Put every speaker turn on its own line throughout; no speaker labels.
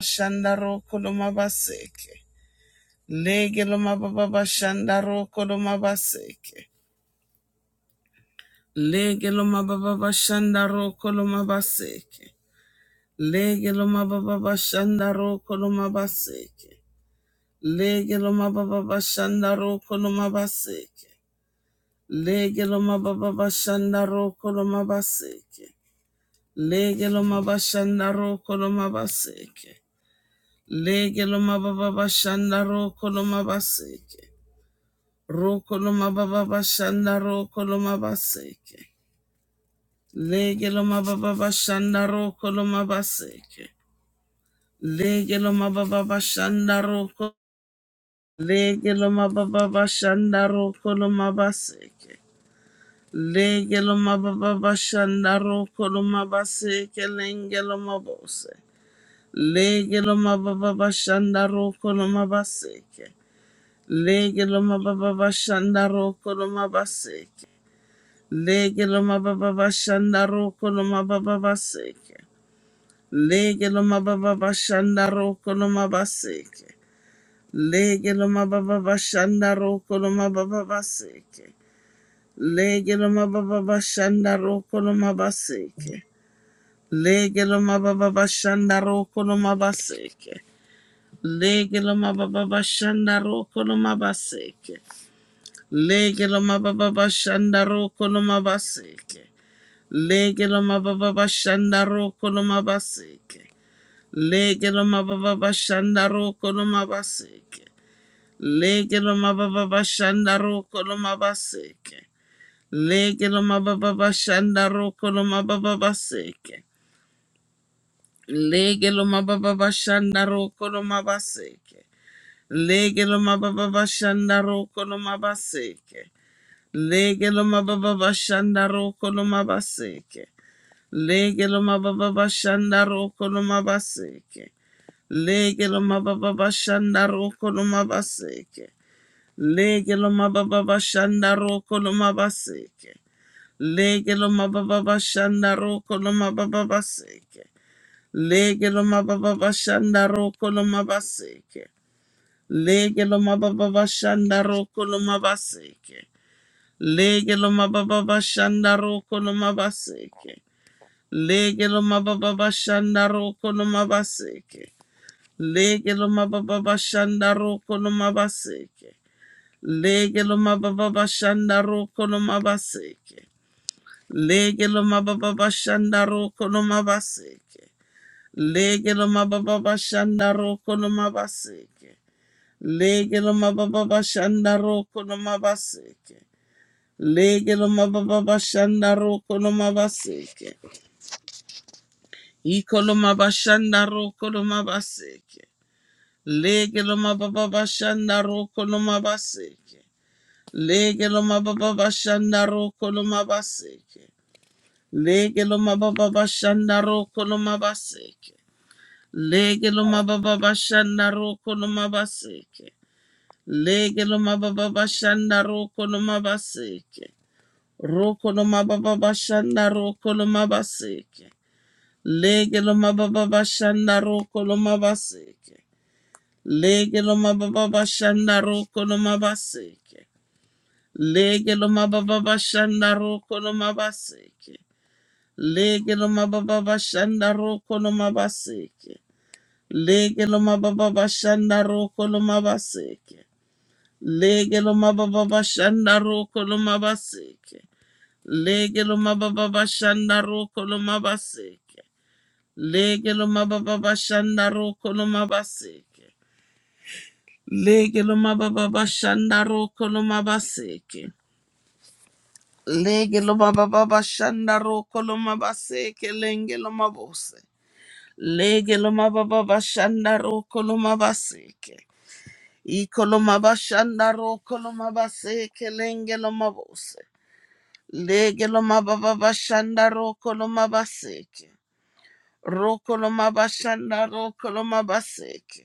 Shandaro koloma baseke. Lege loma baba shandaro koloma baseke. Lege loma baba shandaro koloma baseke. Lege loma baba shandaro koloma baseke. Lege loma baba shandaro koloma baseke. Lege loma baba shandaro koloma baseke. Lege loma baba shandaro koloma baseke. Lege loma baba shandaro koloma baseke. Rokoloma baba bashanda rokoloma baseke. Legeloma baba bashanda rokoloma baseke. Legeloma baba bashanda roko. Legeloma baba bashanda rokoloma baseke. Legeloma baba bashanda rokoloma baseke lengeloma bose. Legeloma baba bashanda rokoloma baseke. Legeloma baba bashanda rokoloma baseke. Lege lo mababa bashanda roko lo mababa baseke. Lege lo mababa bashanda roko lo mabaseke. Lege lo mababa bashanda roko lo mababa baseke. Lege lo mababa bashanda roko lo mabaseke. Lege lo mababa bashanda roko lo mabaseke. Lege lo mababa bashanda roko lo mabaseke. Lege lo mababa bashanda roko lo mabaseke. Lege lo mababa bashanda roko lo mabaseke. Lege lo mababa bashanda roko lo mabaseke. Lege lo mababa bashanda roko lo mabaseke. Lege lo mababa bashanda roko lo mababa baseke. Lege lo mababa bashanda roko lo mabaseke. Lege lo mababa bashanda roko lo mabaseke. Lege lo mababa bashanda roko lo mabaseke. Legelo mababa bashanda roko no mabaseke. Legelo mababa bashanda roko no mabaseke. Legelo mababa bashanda roko no mabaseke. Legelo mababa bashanda roko no mababa baseke. Legelo mababa bashanda roko no mabaseke. Legelo mababa bashanda roko no mabaseke. Legelo mababa bashanda roko no mabaseke. Legelo mababa shanda roko no mabaseke. Legelo mababa shanda roko no mabaseke. Legelo mababa shanda roko no mabaseke. Legelo mababa shanda roko no mabaseke. Legelo mababa shanda roko no mabaseke. Legelo mababa shanda roko no mabaseke. Legelo mababa shanda roko no mabaseke. Ikoloma bashanda roko loma baseke. Lege loma baba bashanda roko loma baseke. Lege loma baba bashanda roko loma baseke. Lege loma baba bashanda roko loma baseke. Lege loma baba bashanda roko loma baseke. Lege loma baba bashanda roko loma baseke. Roko loma baba bashanda roko loma baseke. Lege lo mababa bashanda roko lo mabaseke. Lege lo mababa bashanda roko lo mabaseke. Lege lo mababa bashanda roko lo mabaseke. Lege lo mababa bashanda roko lo mabaseke. Lege lo mababa bashanda roko lo mabaseke. Lege lo mababa bashanda roko lo mabaseke. Lege lo mababa bashanda roko lo mabaseke. Lege lo mababa bashanda roko lo mabaseke. Lege lo mababa bashanda roko lo mabaseke. Lege lo mababa bashanda roko lo mabaseke lenge lo mabose. Lege lo mababa bashanda roko lo mabaseke. Iko lo mabashanda roko lo mabaseke lenge lo mabose. Lege lo mababa bashanda roko lo mabaseke. Roko lo mabashanda roko lo mabaseke.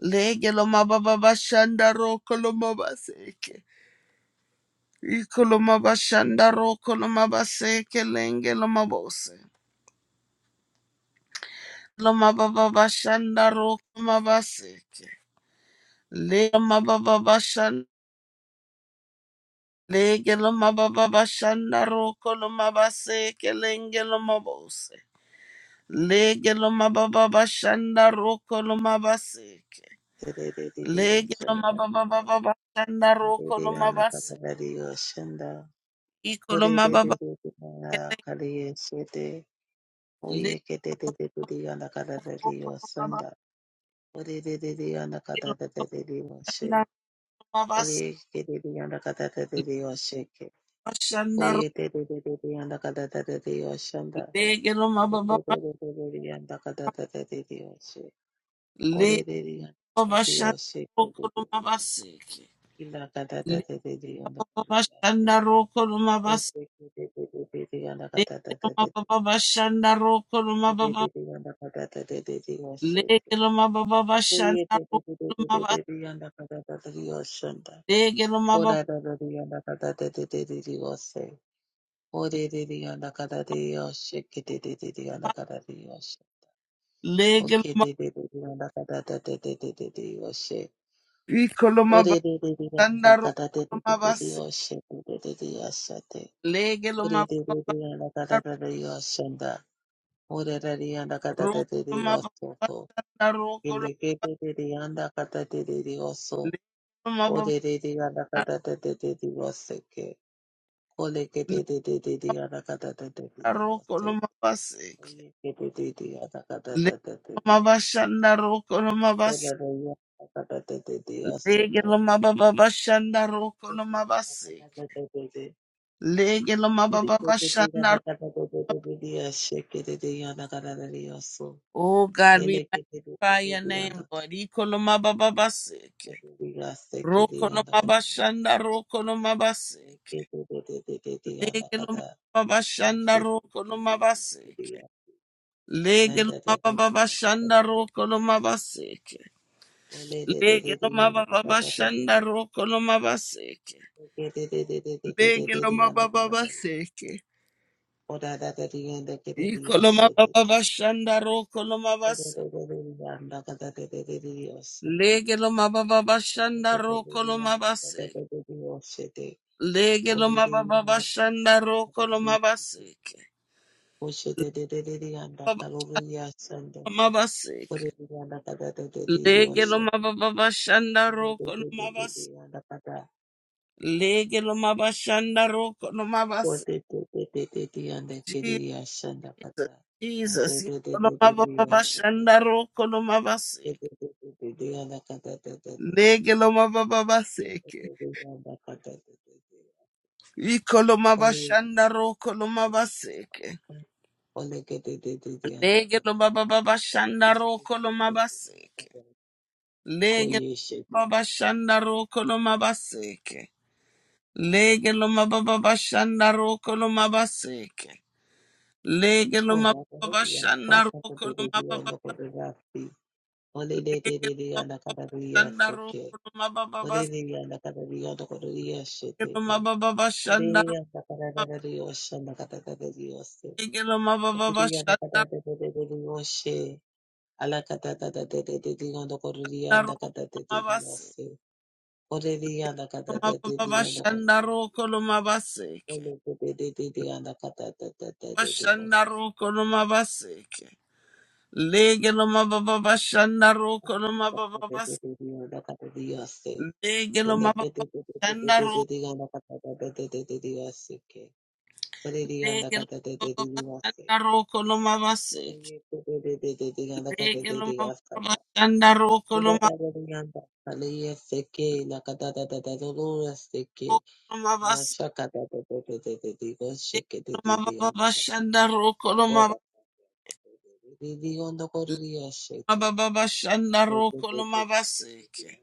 Lege lo mababa bashanda roko lo mabaseke. Iko lo mabashanda roko lo mabaseke lenge lo mabose. Lo mababa bashanda roko mabaseke. Lege lo mababa bashanda Lege lo mababa bashanda roko lo mabaseke lenge lo mabose. Lege lo mababa bashanda roko lo mabaseke. Lege lo
Oshanda,
mababa bashanda roko lo
Ana
mabase.
Kapadari Oshanda,
Iko lo mababa
Orididididina Kaliyeshede,
Le
Oyeketedidididi Ana Kadadari Oshanda, Oridididi Ana
Legelo
Kadadadidi Oshe, Oyeketedidi Ana Kadadadidi Osheke, Oyetedidididi Ana Kadadadidi Oshanda, Okododododidi Ana Kadadadidi Oshe, Orididi Ana Kadadadi Osheke, Ila Kadadadidi Ana Kadadadidi Oshe. Oshanda. Orerarianda katatedidiosoto. Ileketetedianda katatedidioso. Orerarianda katatetedidioseke. Oleketetedidianda
roko
katatetedidiose.
no mabaseke.
Oyeketetedidianda
Lege no
katatetedidio.
mabashanda roko no mabaseke.
Orerarianda
Lege no
katatetedidiosoto.
mabababashanda roko no
Orerarianda katatetedidianda
mabaseke.
katatetedidioseke.
Lege no mabababashanda ro- Oh God, we magnify your name,
Ileketetedidianda
Lord. Iko no
Thank
mabababaseke. Roko no mabashanda roko no mabaseke. Lege no mabababashanda roko no
you.
mabaseke. Lege no mabababashanda roko no mabaseke. Lege lo mababa bashanda roko lo mabaseke. Lege lo mababa baseke. Iko lo mababa bashanda roko lo mabaseke. Lege lo mababa bashanda roko lo mabaseke. Lege lo mababa bashanda roko lo mabaseke.
Osho de de de de de anda kalori asanda.
Lo mabaseke.
Ore de de anda kada de de de
Lege lo
osho.
mababa bashanda
Ore de
roko lo
de de de de
mabaseke.
anda kada.
Lege lo mabashanda roko lo
Ore
mabaseke.
de de de de de de anda kiriya asanda kada. Ande
Jesus.
de de de de de osho.
Ikolomabababashandaro
De de
kolomabaseke.
de de de de anda kada de de de de osho.
Legelomabababaseke.
De de de anda kada de de de. Ore
Ikolomabashandaro kolomabaseke.
ore de de de de de anda kada.
Legelomabababashandaro kolomabaseke.
Koyeshe.
Legelomabababashandaro kolomabaseke. Legelomabababashandaro kolomabaseke.
Koda Korea,
Legelomabababashandaro
Saka Korea, no
kolomababa-
Kodarafi, Ole de de de de and
Legelomabababashandaro
Akadaria seke.
kolomababaseke. Legelomabababashandaro Legelo Mababa Shanda Roko Lomabaseke.
Ore Kende te te te te te te te diga na kata te te te te te diga seke. Pare diga na kata te te te diga se. Oye, te te te te te diga na kata te diga kata. Muda te te diga na pale ye seke na kata te te te lo lo seke. Macha kata te te te te te diga seke te te diga na kata. Oda te diga na korriya seke. Te te te te te te diga na kata.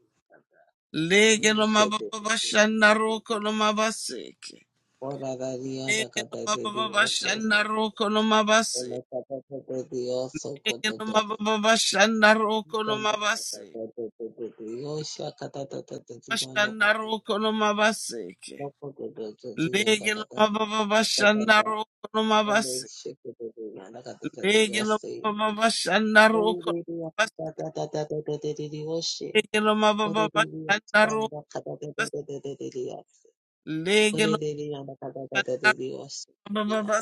Lege
Oye
lo
ke te
mababa
te te
bashanda
te te
roko
diga.
lo mabaseke.
Ora da dia da
Lege lo
kata de
mababa
Dios, ora
bashanda roko lo mabaseke.
kata de Dios,
Lege
koto
lo
to to.
mababa bashanda roko lo
Kanda kata
mabaseke.
de de de de Dios, kata de de de Dios, no
Bashanda
koto,
roko lo
no
mabaseke.
koto de de Dios da
Lege lo
kata,
mababa
no kata
bashanda
da,
roko lo
no
mabaseke.
shake de de Dios da kata
Lege lo mababa bashanda roko lo mabaseke.
de Dios se.
Lege lo
Ora
mababa
de Dios,
bashanda roko lo
kata de de
mabaseke.
de de de Dios se. Ora de Dios, kanda kata de de de de de Dios.
Lege lo
Ora
mababa bashanda
de Dios da kata
roko lo
de de
mabaseke.
Dios, sí.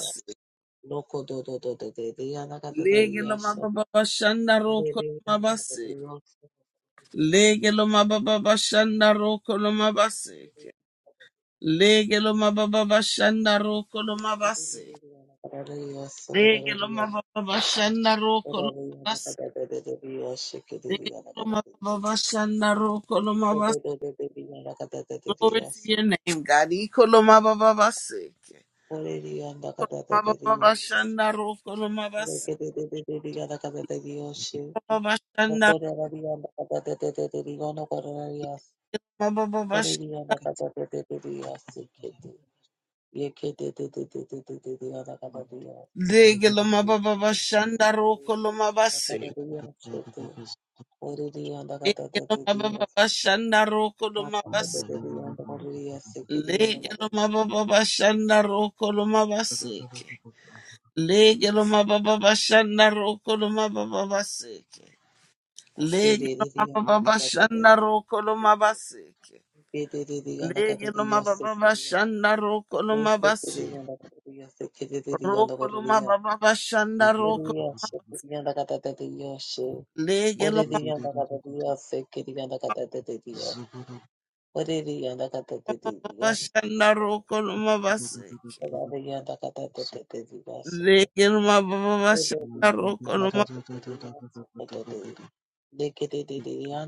Loco do do do do de de yana de de
Lege lo
yasha.
mababa bashanda
Ore
roko
be
lo
yana kata
mabaseke.
de yosa.
Lege lo mababa bashanda roko lo
Ore be
mabaseke.
yana
Lege lo mababa bashanda roko lo mabaseke.
kata de yosa.
Lege lo mababa bashanda roko lo
Ore be yana de de de
mabaseke.
de de yasha ke de de
Lege
yana
lo
de de.
mababa bashanda roko lo
Ito
mabaseke.
do do do de de yana kata de de de
Glory to
yasha.
your name, God. Iko lo mababa baseke.
Ore de yana de de de de
Mababa
yasha.
bashanda roko lo
Ore
mabaseke.
ke de de de de de yana de de yasha.
Mababa bashanda
Moko de de yana de de de de de yana kata de yasha.
mababa
Ore
bashanda.
de yana de
Katikati
de de de de yasha ke
bara
de. Yes.
mande
Lege lo mababa bashanda roko lo mabaseke. Lege lo mababa bashanda roko lo mabaseke. Lege lo mababa bashanda roko lo mabaseke. Lege lo mababa bashanda roko lo mababa baseke. Lege lo mababa bashanda roko lo mabaseke. Lege lo mababa bashanda roko lo mabase. Roko lo mababa bashanda roko. Lege lo mababa bashanda roko lo mabaseke.
Kiri
Lege lo mababa bashanda roko lo mabaseke.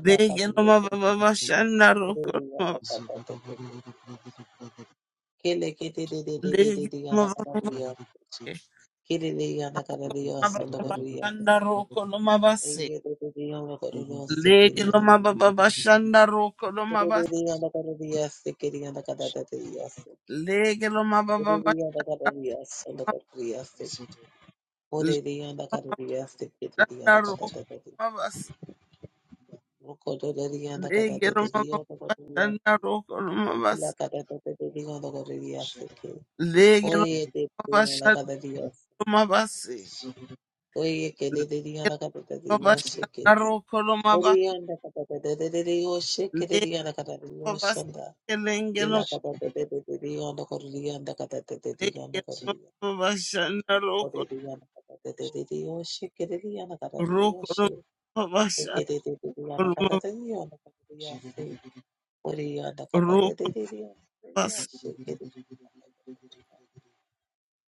Lege lo mababa bashanda roko lo mabaseke.
Zuguru
Lege lo mababa Mababashanda roko lo mabase. Lege lo mababashanda roko lo mabase. Lege lo mababashanda roko lo mabase.
Mokododorianda
Lege lo
katateterianda
mababashanda
kotoriasi.
roko lo
Ila
mabase.
katateterianda kotoriasike.
Lege lo
Oye teterianda
mababashanda
katatiosi.
lo mabase.
Oye
Lege
keteterianda
lo
katatioshike.
mababashanda roko lo mabase.
Orianda katateterioshike
Lege lo
terianda
mabase.
kataterioshanda.
Lege lo
Ila katateterianda kotorianda
lege
katateterianda
lo
kotorianda.
mababashanda roko
Koterianda katateterioshike terianda
roko lo
katatioshi.
mabashanda
Keteterianda kataterianda katatiosi. Oriyanda kata de de
roko
de de. Oriya shukiri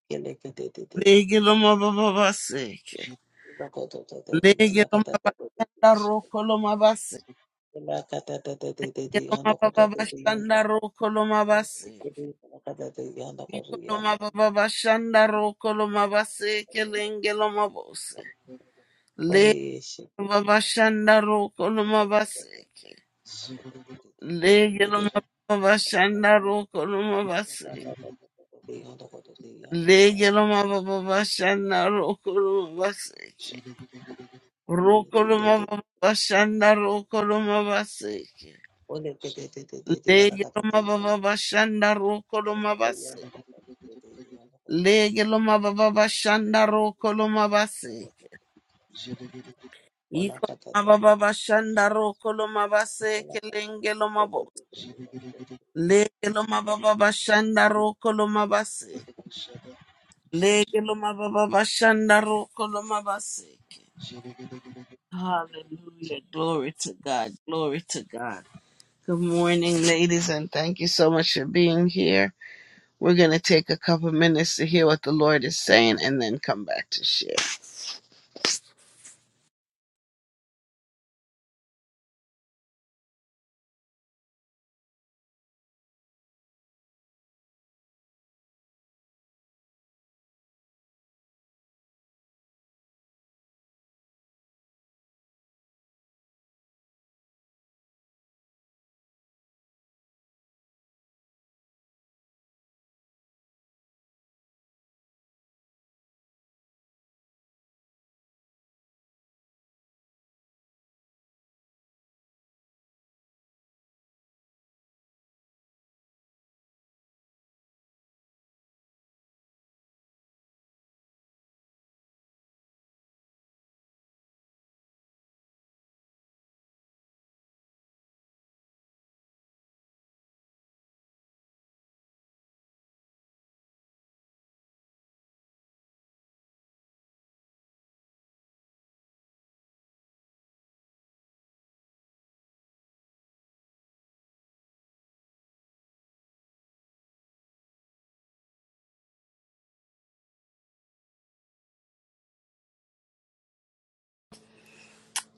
kele kete de de de de
Lege
de.
loma baba baseke.
Ila koto to to de
Lege
yanda kata
loma
to to to de.
bashanda roko loma baseke.
Ila kata to to de de
Lege
de
loma
yanda koto
baba
to de yanda.
bashanda roko loma
Shukiri
baseke.
ila kata de yanda
Iko
koriya.
loma baba bashanda roko loma baseke. Lenge loma bose. Lege
Oriya shukiri
baba bashanda roko
kata to
loma
to to to to to.
baseke.
Ila kata to to de
Lege
shukiri kata to to
loma
to.
baba
Ila
bashanda roko loma baseke.
kata to to de yanda koto de yanda kata.
Lege loma baba bashanda roko loma baseke.
Oriya
Roko
de de
loma
de
baba
de.
bashanda roko loma baseke.
Ole te te te te te te yana
Lege
kata te
loma
yana
baba bashanda roko loma
kata te yana
base.
kata te te te yana kata
Lege
yasu.
loma baba bashanda roko loma base.
Ola
Iko
kata
loma
te te
baba bashanda roko loma base.
ola kata te
Kelenge loma
te
bo.
te te te te yasu.
Lege loma baba bashanda roko loma base. Lege loma baba bashanda roko loma base. Hallelujah. Glory to God. Glory to God. Good morning, ladies, and thank you so much for being here. We're going to take a couple minutes to hear what the Lord is saying and then come back to share.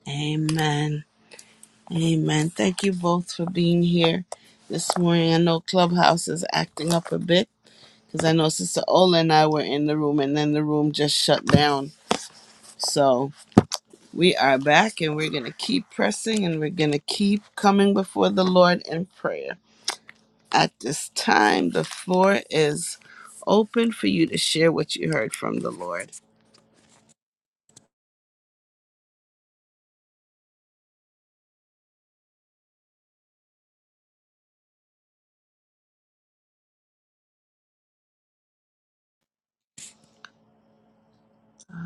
Amen. Amen. Thank you both for being here this morning. I know Clubhouse is acting up a bit because I know Sister Ola and I were in the room and then the room just shut down. So we are back and we're going to keep pressing and we're going to keep coming before the Lord in prayer. At this time, the floor is open for you to share what you heard from the Lord.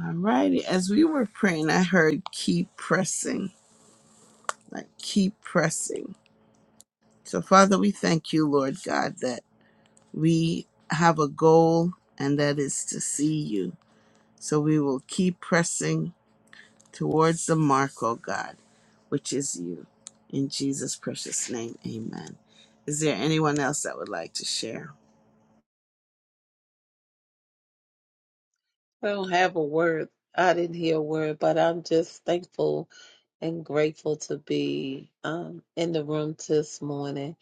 All righty. As we were praying, I heard keep pressing, like keep pressing. So, Father, we thank you, Lord God, that we have a goal and that is to see you. So, we will keep pressing towards the mark, oh God, which is you. In Jesus' precious name, amen. Is there anyone else that would like to share?
I don't have a word. I didn't hear a word, but I'm just thankful and grateful to be um, in the room this morning.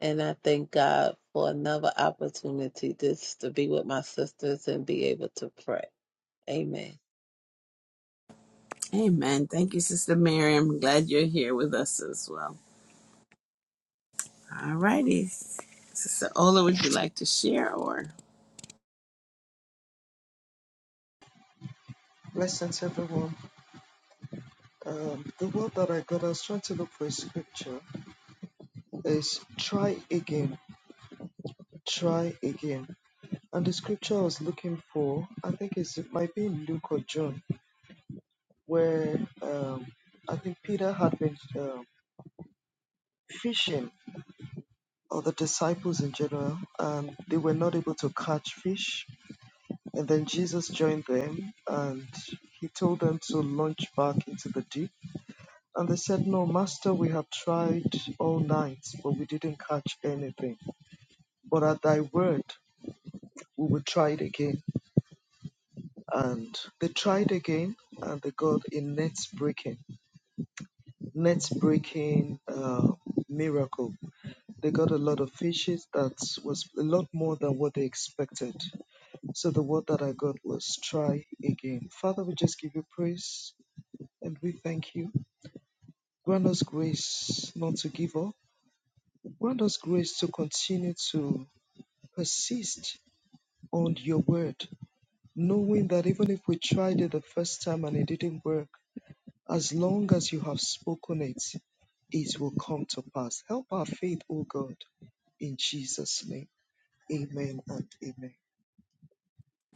And I thank God for another opportunity just to be with my sisters and be able to pray. Amen.
Amen. Thank you, Sister Miriam. Glad you're here with us as well. All righty. Sister Ola, would you like to share or?
Blessings, everyone. Um, the word that I got, I was trying to look for a scripture. is try again, try again. And the scripture I was looking for, I think it's, it might be in Luke or John, where um, I think Peter had been um fishing, or the disciples in general, and they were not able to catch fish. And then Jesus joined them and he told them to launch back into the deep. And they said, No, Master, we have tried all night, but we didn't catch anything. But at thy word, we will try it again. and they tried again and they got a net breaking net breaking uh, miracle they got a lot of fishes that was a lot more than what they expected so the word that i got was try again father we just give you praise and we thank you grant us grace not to give up grant us grace to continue to persist on your word knowing that even if we tried it the first time and it didn't work As long as you have spoken it, it will come to pass. Help our faith, O God, in Jesus' name. Amen and amen.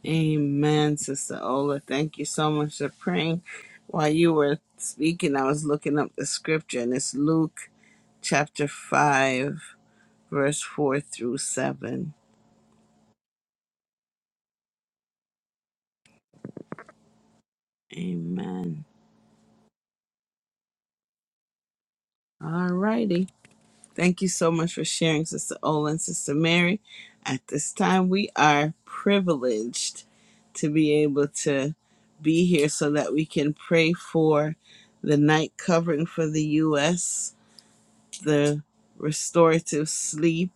Amen, Sister Ola. Thank you so much for praying. While you were speaking, I was looking up the scripture, and it's Luke chapter 5, verse 4 through 7. Amen. All righty. Thank you so much for sharing, Sister Ola and Sister Mary. At this time, we are privileged to be able to be here so that we can pray for the night covering for the U.S the restorative sleep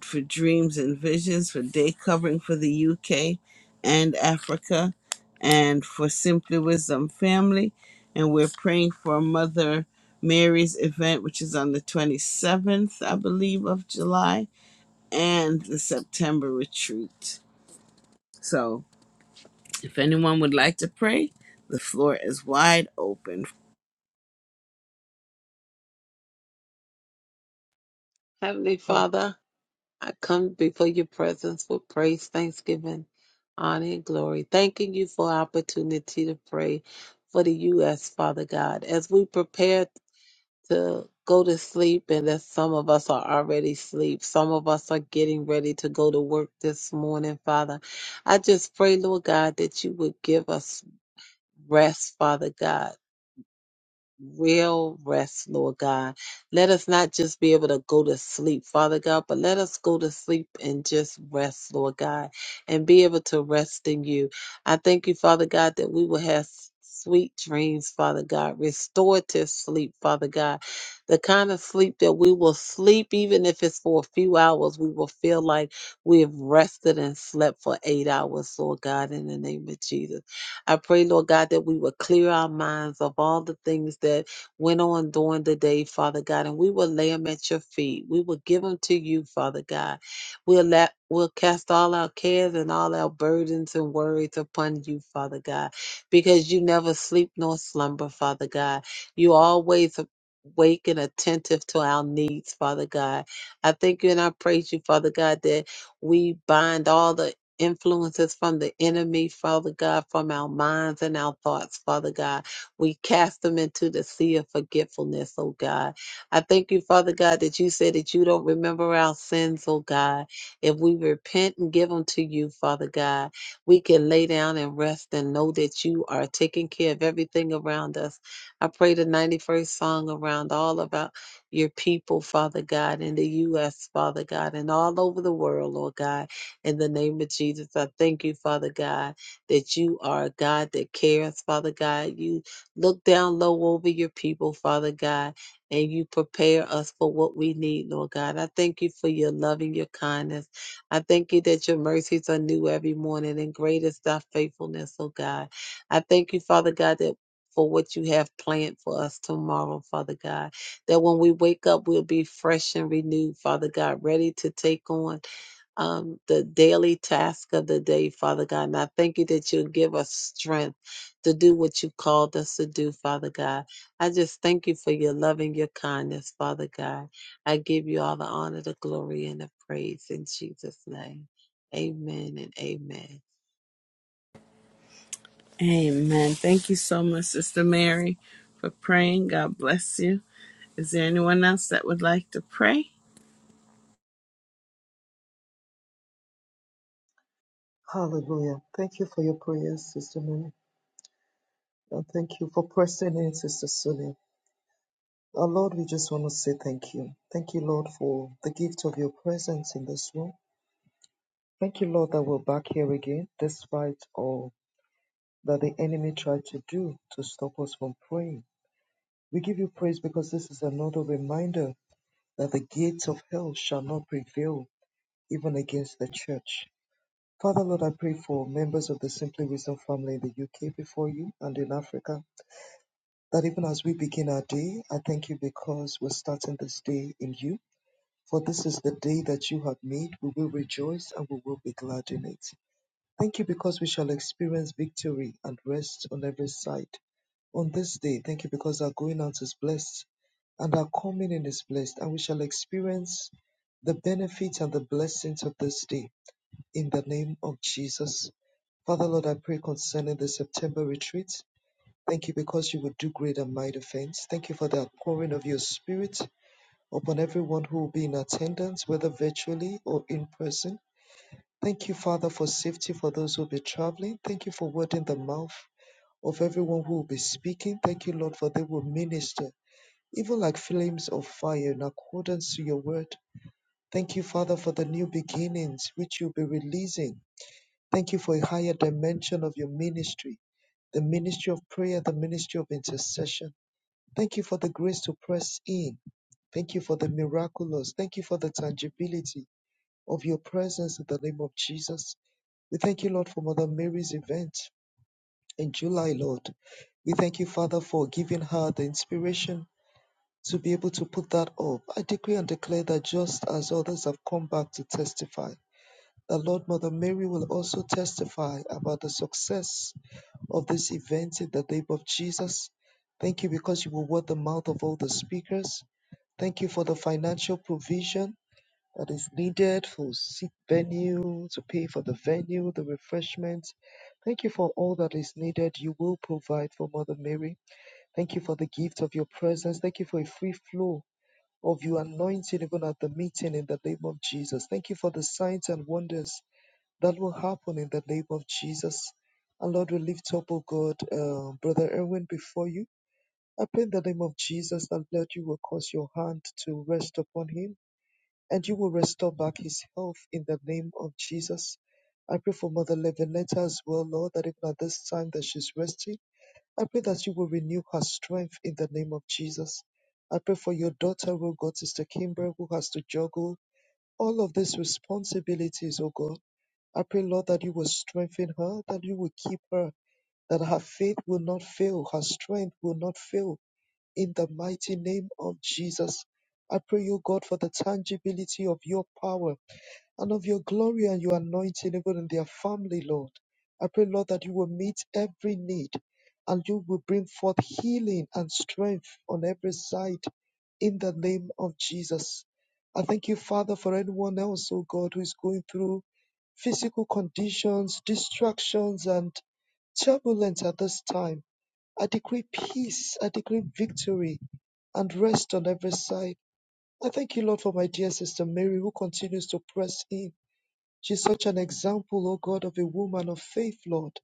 for dreams and visions for day covering for the UK and Africa and for Simply Wisdom Family. And we're praying for Mother Mary's event, which is on the 27th, I believe, of July and the September retreat. So if anyone would like to pray, the floor is wide open.
Heavenly
Ha-
Father, I come before your presence with praise, thanksgiving, honor, and glory. Thanking you for opportunity to pray for the U.S., Father God. As we prepare to go to sleep, and as some of us are already asleep, some of us are getting ready to go to work this morning, Father. I just pray, Lord God, that you would give us rest, Father God. real rest, Lord God. Let us not just be able to go to sleep, Father God, but let us go to sleep and just rest, Lord God, and be able to rest in you. I thank you, Father God, that we will have sweet dreams, Father God, restorative sleep, Father God, the kind of sleep that we will sleep, even if it's for a few hours, we will feel like we have rested and slept for eight hours, Lord God, in the name of Jesus. I pray, Lord God, that we will clear our minds of all the things that went on during the day, Father God, and we will lay them at your feet. We will give them to you, Father God. We'll let We'll cast all our cares and all our burdens and worries upon you, Father God, because you never sleep nor slumber, Father God. You always awake and attentive to our needs, Father God. I thank you and I praise you, Father God, that we bind all the influences from the enemy, Father God, from our minds and our thoughts, Father God. We cast them into the sea of forgetfulness, oh God. I thank you, Father God, that you said that you don't remember our sins, oh God. If we repent and give them to you, Father God, we can lay down and rest and know that you are taking care of everything around us. I pray the 91st song around all of our, your people, Father God, in the U.S., Father God, and all over the world, Lord God in the name of Jesus, I thank you, Father God, that you are a God that cares, Father God. You look down low over your people, Father God, and you prepare us for what we need, Lord God. I thank you for your love and your kindness. I thank you that your mercies are new every morning, and great is thy faithfulness, oh God. I thank you, Father God, that for what you have planned for us tomorrow, Father God. That when we wake up, we'll be fresh and renewed, Father God, ready to take on um, the daily task of the day, Father God. And I thank you that you'll give us strength to do what you called us to do, Father God. I just thank you for your love and your kindness, Father God. I give you all the honor, the glory, and the praise in Jesus' name. Amen and amen.
Amen. Thank you so much, Sister Mary, for praying. God bless you. Is there anyone else that would like to pray?
Hallelujah. Thank you for your prayers, Sister Mary. And thank you for pressing in, Sister Sonia. Our Lord, we just want to say thank you. Thank you, Lord, for the gift of your presence in this room. Thank you, Lord, that we're back here again, despite all that the enemy tried to do to stop us from praying. We give you praise because this is another reminder that the gates of hell shall not prevail even against the church. Father, Lord, I pray for members of the Simply Wisdom family in the UK before you and in Africa, that even as we begin our day, I thank you because we're starting this day in you. For this is the day that you have made. We will rejoice and we will be glad in it. Thank you because we shall experience victory and rest on every side. On this day, thank you because our going out is blessed and our coming in is blessed, and we shall experience the benefits and the blessings of this day in the name of Jesus. Father Lord, I pray concerning the September retreat. Thank you because you will do great and mighty things. Thank you for the pouring of your spirit upon everyone who will be in attendance, whether virtually or in person. Thank you, Father, for safety for those who will be traveling. Thank you for word in the mouth of everyone who will be speaking. Thank you, Lord, for they will minister, even like flames of fire in accordance to your word. Thank you, Father, for the new beginnings which you'll be releasing. Thank you for a higher dimension of your ministry, the ministry of prayer, the ministry of intercession. Thank you for the grace to press in. Thank you for the miraculous. Thank you for the tangibility of your presence in the name of Jesus. We thank you, Lord, for Mother Mary's event in July, Lord. We thank you, Father, for giving her the inspiration to be able to put that up. I decree and declare that just as others have come back to testify, the Lord Mother Mary will also testify about the success of this event in the name of Jesus. Thank you because you will word the mouth of all the speakers. Thank you for the financial provision that is needed for seat venue, to pay for the venue, the refreshments. Thank you for all that is needed. You will provide for Mother Mary. Thank you for the gift of your presence. Thank you for a free flow of your anointing even at the meeting in the name of Jesus. Thank you for the signs and wonders that will happen in the name of Jesus. And Lord, we lift up, O God, uh, Brother Erwin before you. I pray in the name of Jesus that Lord, you will cause your hand to rest upon him and you will restore back his health in the name of Jesus. I pray for Mother Levinetta as well, Lord, that even at this time that she's resting, I pray that you will renew her strength in the name of Jesus. I pray for your daughter, O God, Sister Kimber, who has to juggle all of these responsibilities, O God. I pray, Lord, that you will strengthen her, that you will keep her, that her faith will not fail, her strength will not fail in the mighty name of Jesus. I pray, O God, for the tangibility of your power and of your glory and your anointing even in their family, Lord. I pray, Lord, that you will meet every need and you will bring forth healing and strength on every side in the name of Jesus. I thank you, Father, for anyone else, oh God, who is going through physical conditions, distractions, and turbulence at this time. I decree peace, I decree victory and rest on every side. I thank you, Lord, for my dear sister Mary, who continues to press in She's such an example, O God, of a woman of faith, Lord.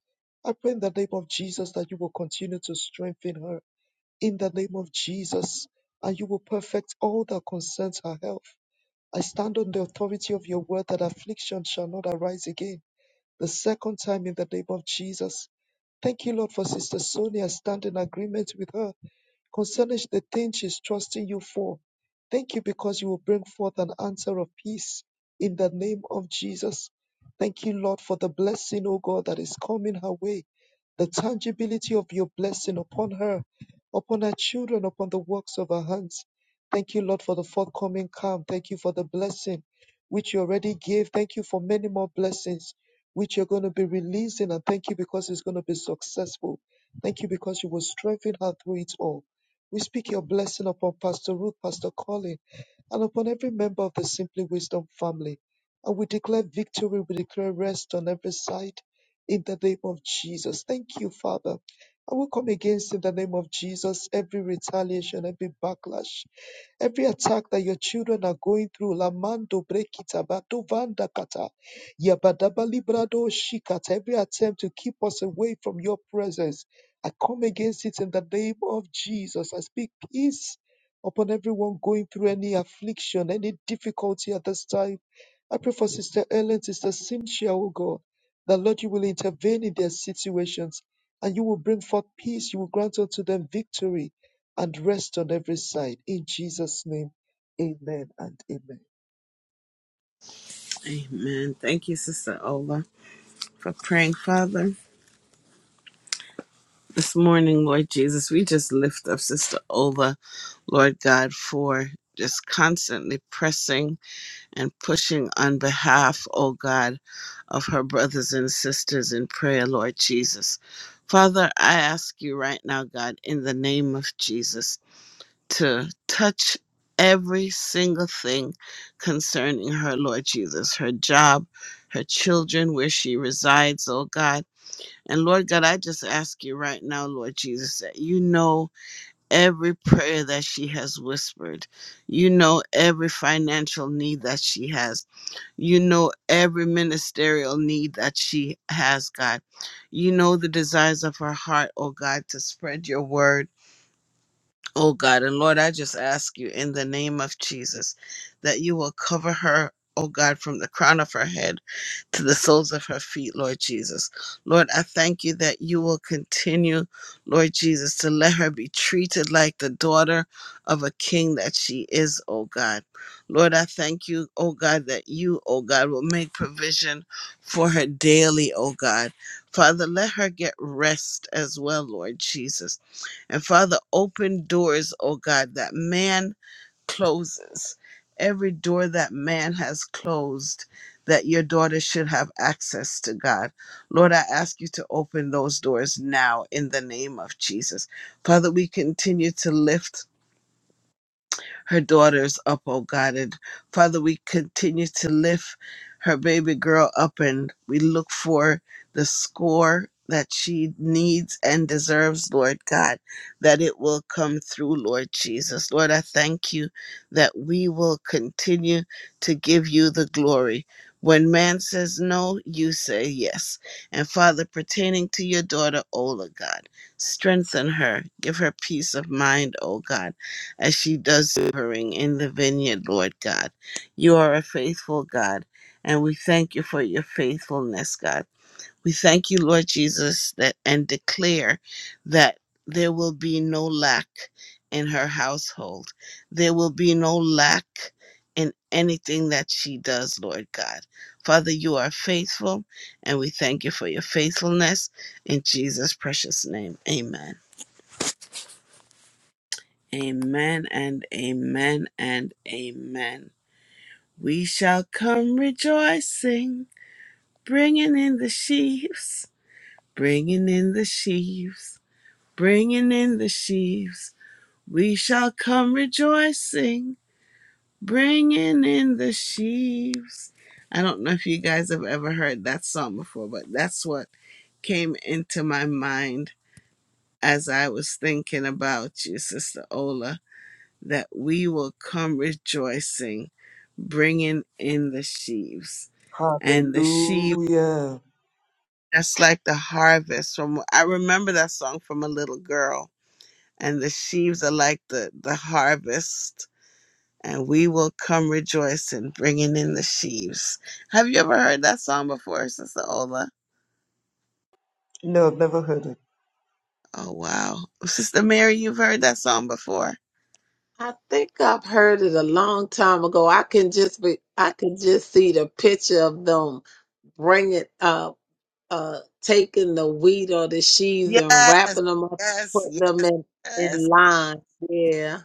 I pray in the name of Jesus that you will continue to strengthen her in the name of Jesus, and you will perfect all that concerns her health. I stand on the authority of your word that affliction shall not arise again, the second time in the name of Jesus. Thank you, Lord, for Sister Sonia. I stand in agreement with her concerning the thing she's trusting you for. Thank you because you will bring forth an answer of peace in the name of Jesus. Thank you, Lord, for the blessing, O God, that is coming her way, the tangibility of your blessing upon her, upon her children, upon the works of her hands. Thank you, Lord, for the forthcoming calm. Thank you for the blessing which you already gave. Thank you for many more blessings which you're going to be releasing. And thank you because it's going to be successful. Thank you because you will strengthen her through it all. We speak your blessing upon Pastor Ruth, Pastor Colin and upon every member of the Simply Wisdom family. And we declare victory, we declare rest on every side in the name of Jesus. Thank you, Father. I will come against in the name of Jesus every retaliation, every backlash, every attack that your children are going through. Lamando brekita badovanda kata yabadaba librado shikata. Every attempt to keep us away from your presence, I come against it in the name of Jesus. I speak peace upon everyone going through any affliction, any difficulty at this time. I pray for Sister Ellen, Sister Cynthia, oh God, that Lord, you will intervene in their situations and you will bring forth peace. You will grant unto them victory and rest on every side. In Jesus' name, amen and amen.
Amen. Thank you, Sister Ola, for praying, Father. This morning, Lord Jesus, we just lift up Sister Ola, Lord God, for just constantly pressing and pushing on behalf, oh God, of her brothers and sisters in prayer, Lord Jesus. Father, I ask you right now, God, in the name of Jesus, to touch every single thing concerning her, Lord Jesus, her job, her children, where she resides, oh God. And Lord God, I just ask you right now, Lord Jesus, that you know every prayer that she has whispered. You know every financial need that she has. You know every ministerial need that she has, God. You know the desires of her heart, oh God, to spread your word Oh God and Lord, I just ask you in the name of Jesus that you will cover her, oh God, from the crown of her head to the soles of her feet, Lord Jesus. Lord, I thank you that you will continue, Lord Jesus, to let her be treated like the daughter of a king that she is, oh God. Lord, I thank you, oh God, that you, oh God, will make provision for her daily, oh God. Father, let her get rest as well, Lord Jesus. And Father, open doors, oh God, that man closes, every door that man has closed, that your daughter should have access to God. Lord, I ask you to open those doors now in the name of Jesus. Father, we continue to lift her daughters up, oh God. And Father, we continue to lift her baby girl up and we look for the score that she needs and deserves, Lord God, that it will come through, Lord Jesus. Lord, I thank you that we will continue to give you the glory. When man says no, you say yes. And Father, pertaining to your daughter, Ola, God, strengthen her, give her peace of mind, O God as she does laboring in the vineyard, Lord God. You are a faithful God, and we thank you for your faithfulness, God. We thank you, Lord Jesus, that and declare that there will be no lack in her household. There will be no lack in anything that she does, Lord God. Father, you are faithful, and we thank you for your faithfulness in Jesus' precious name. Amen. Amen and amen and amen. We shall come rejoicing, bringing in the sheaves, bringing in the sheaves, bringing in the sheaves. We shall come rejoicing, bringing in the sheaves. I don't know if you guys have ever heard that song before, but that's what came into my mind as I was thinking about you, Sister Ola that we will come rejoicing, bringing in the sheaves. And the sheaves,
Hallelujah.
that's like the harvest from, I remember that song from a little girl. And the sheaves are like the, the harvest. And we will come rejoicing, bringing in the sheaves. Have you ever heard that song before, Sister Ola?
No, I've never heard it.
Oh, wow. Sister Mary, you've heard that song before.
I think I've heard it a long time ago. I can just be, I can just see the picture of them bringing up. uh, taking the wheat or the sheaves
Yes,
and
yes,
wrapping them up and putting them
yes,
in,
yes.
in line. Yeah.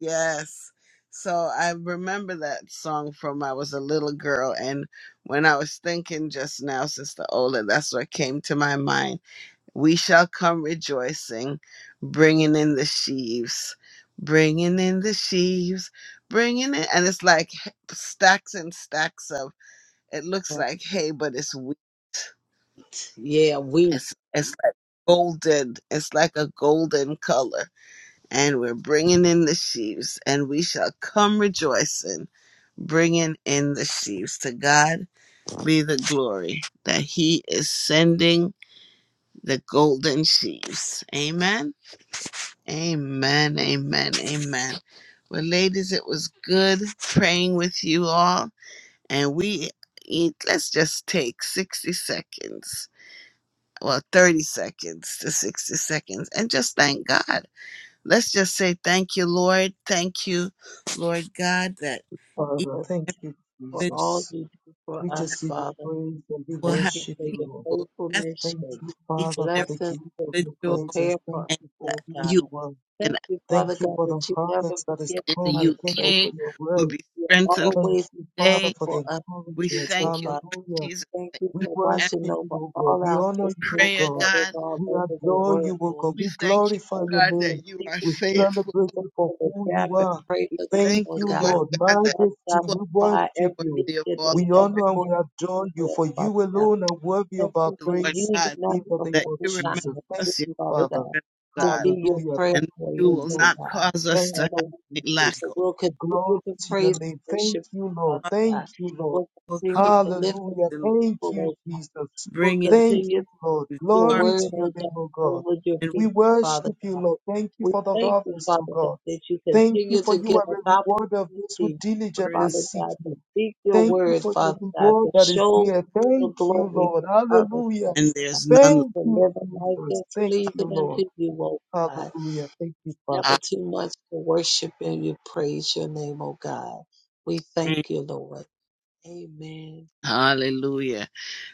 Yes. So I remember that song from I was a little girl and when I was thinking just now, Sister Ola, that's what came to my mind. We shall come rejoicing, bringing in the sheaves, bringing in the sheaves, bringing in, and it's like stacks and stacks of. It looks like hay, but it's wheat.
Yeah, wheat.
It's it's like golden. It's like a golden color and we're bringing in the sheaves, and we shall come rejoicing, bringing in the sheaves. To God be the glory that He is sending the golden sheaves. Amen. Amen. Amen. Amen. Well, ladies, it was good praying with you all, and we eat. Let's just take sixty seconds. Well, 30 seconds to 60 seconds, and just thank God. Let's just say thank you, Lord. Thank you, Lord God, that each
Father,
For
thank you,
for
individual
all
Jesus.
you do for
We just
us,
give you
Father.
praise and we
will
Thank
have
you
worship
for
you,
your
Lord.
people, that's
faithfulness,
Thank
your
you,
each
Father, for
and
the
blessings to
gift of
every
your
individual,
prepare
kindness.
for
Thank
us,
and
you for
oh
who
God.
you
you are.
Thank
and
you, Father
Thank you
God,
for the
that you never
harvest that is
forget
in the
about
coming.
us,
Thank you
oh
for
UK
your
will
word.
be
You're
strengthened
Thank
always
you,
there
Father,
today.
for the
for us,
We
encouragement.
people,
thank you,
Father.
Lord
Hallelujah.
Jesus,
Thank
that
you
We
you
for
have
worship
watching
you,
over
O God.
all
We
our
honor
sisters
you,
answered
and
O
prayer,
God.
brothers
God.
all
We
over the
adore you,
world,
O
Lord.
God.
We
We
thank you,
glorify
us
your
God,
name.
and
that you are
people
We
to
faithful.
celebrate
look
you for
for the
who
gap
you
and
are.
pray for them,
Thank
Thank
Lord
you,
you,
Lord
God.
Lord.
God, that
Father
Majesty,
God,
you
we
are
supply
worship
every
you.
need
worthy of
that
all
they
We
have
praise,
honor and we
according to
adore
your
you,
will,
for you
Father God.
alone are worthy of
Thank
our
you for
Lord
praise
using
God,
us
in the
for
name
that
of
you
fucking
remember
time
Jesus.
with
Thank
this,
us, your
you,
Father
Father.
God,
children,
to
God.
be your
Hallelujah.
prayer
and
Thank you,
you
warriors,
will
Jesus.
Lord
not
God.
cause us
Thank
to
Father,
have
we
you,
thank
any
you
lack
Jesus.
that
of
we'll
Glory
continue to
to
praise
your name.
and
Thank
worship
you,
you,
Lord.
Father
Thank
God.
you, Lord.
We'll
for
continue
courage
to lift up
Hallelujah.
and Lord.
your
Thank
people,
you,
Lord God.
Jesus.
We'll
bring in
Thank
continue
you,
to
Lord.
you
your
are
Glory
word,
to your
oh
name,
God,
O God.
over your
and
We
people, Father
worship
God.
you, Lord. Thank you
We
for the
thank you,
harvest, O
Father God,
God.
that you
Thank you
continue
for
to
you
give
are
us
a reward of those who
opportunity,
diligently
worthy
Father
seek
God, to
you.
speak your
you are,
Thank you
word,
for your
Father God,
reward
to
that is
show
here.
your
Thank you,
glory
Lord.
to others,
Hallelujah.
Father
and
God,
there's none like
Thank
to
you,
live a life
Jesus.
that's
Thank you,
pleasing
Lord.
unto you, O God.
Hallelujah. Thank you, Father.
I
Never too much to worship and you praise your name, O God. We thank you, Lord. Amen.
Hallelujah.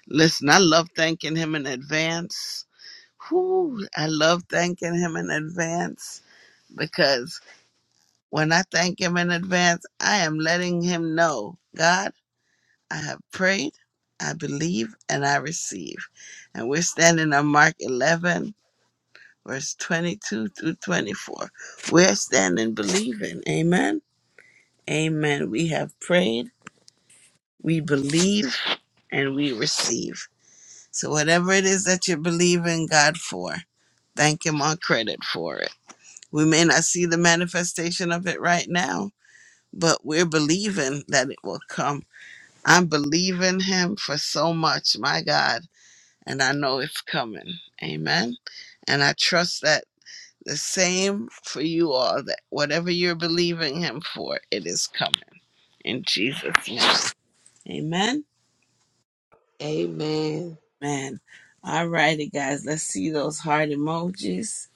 Listen, I love thanking him in advance. Whew, I love thanking him in advance because when I thank him in advance, I am letting him know, God, I have prayed, I believe, and I receive. And we're standing on Mark 11 verse 22 through 24. We're standing believing. Amen. Amen. We have prayed, we believe, and we receive. So, whatever it is that you are believing God for, thank Him on credit for it. We may not see the manifestation of it right now, but we're believing that it will come. I'm believing Him for so much, my God, and I know it's coming. Amen. And I trust that The same for you all that whatever you're believing him for, it is coming. In Jesus' name. Amen.
Amen.
Man. All righty, guys. Let's see those heart emojis.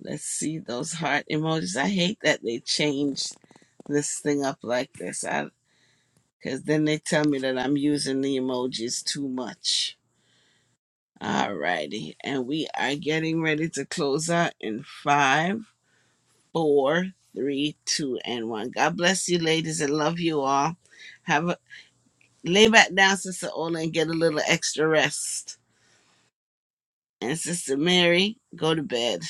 Let's see those heart emojis. I hate that they changed this thing up like this. I because then they tell me that I'm using the emojis too much. All righty. And we are getting ready to close out in five. four, three, two, and one. God bless you, ladies, and love you all. Have a lay back down, Sister Ola, and get a little extra rest. And Sister Mary, go to bed.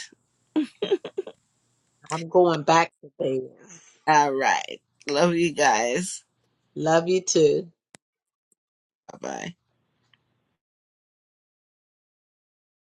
I'm going back today.
All right. Love you guys.
Love you too.
Bye bye.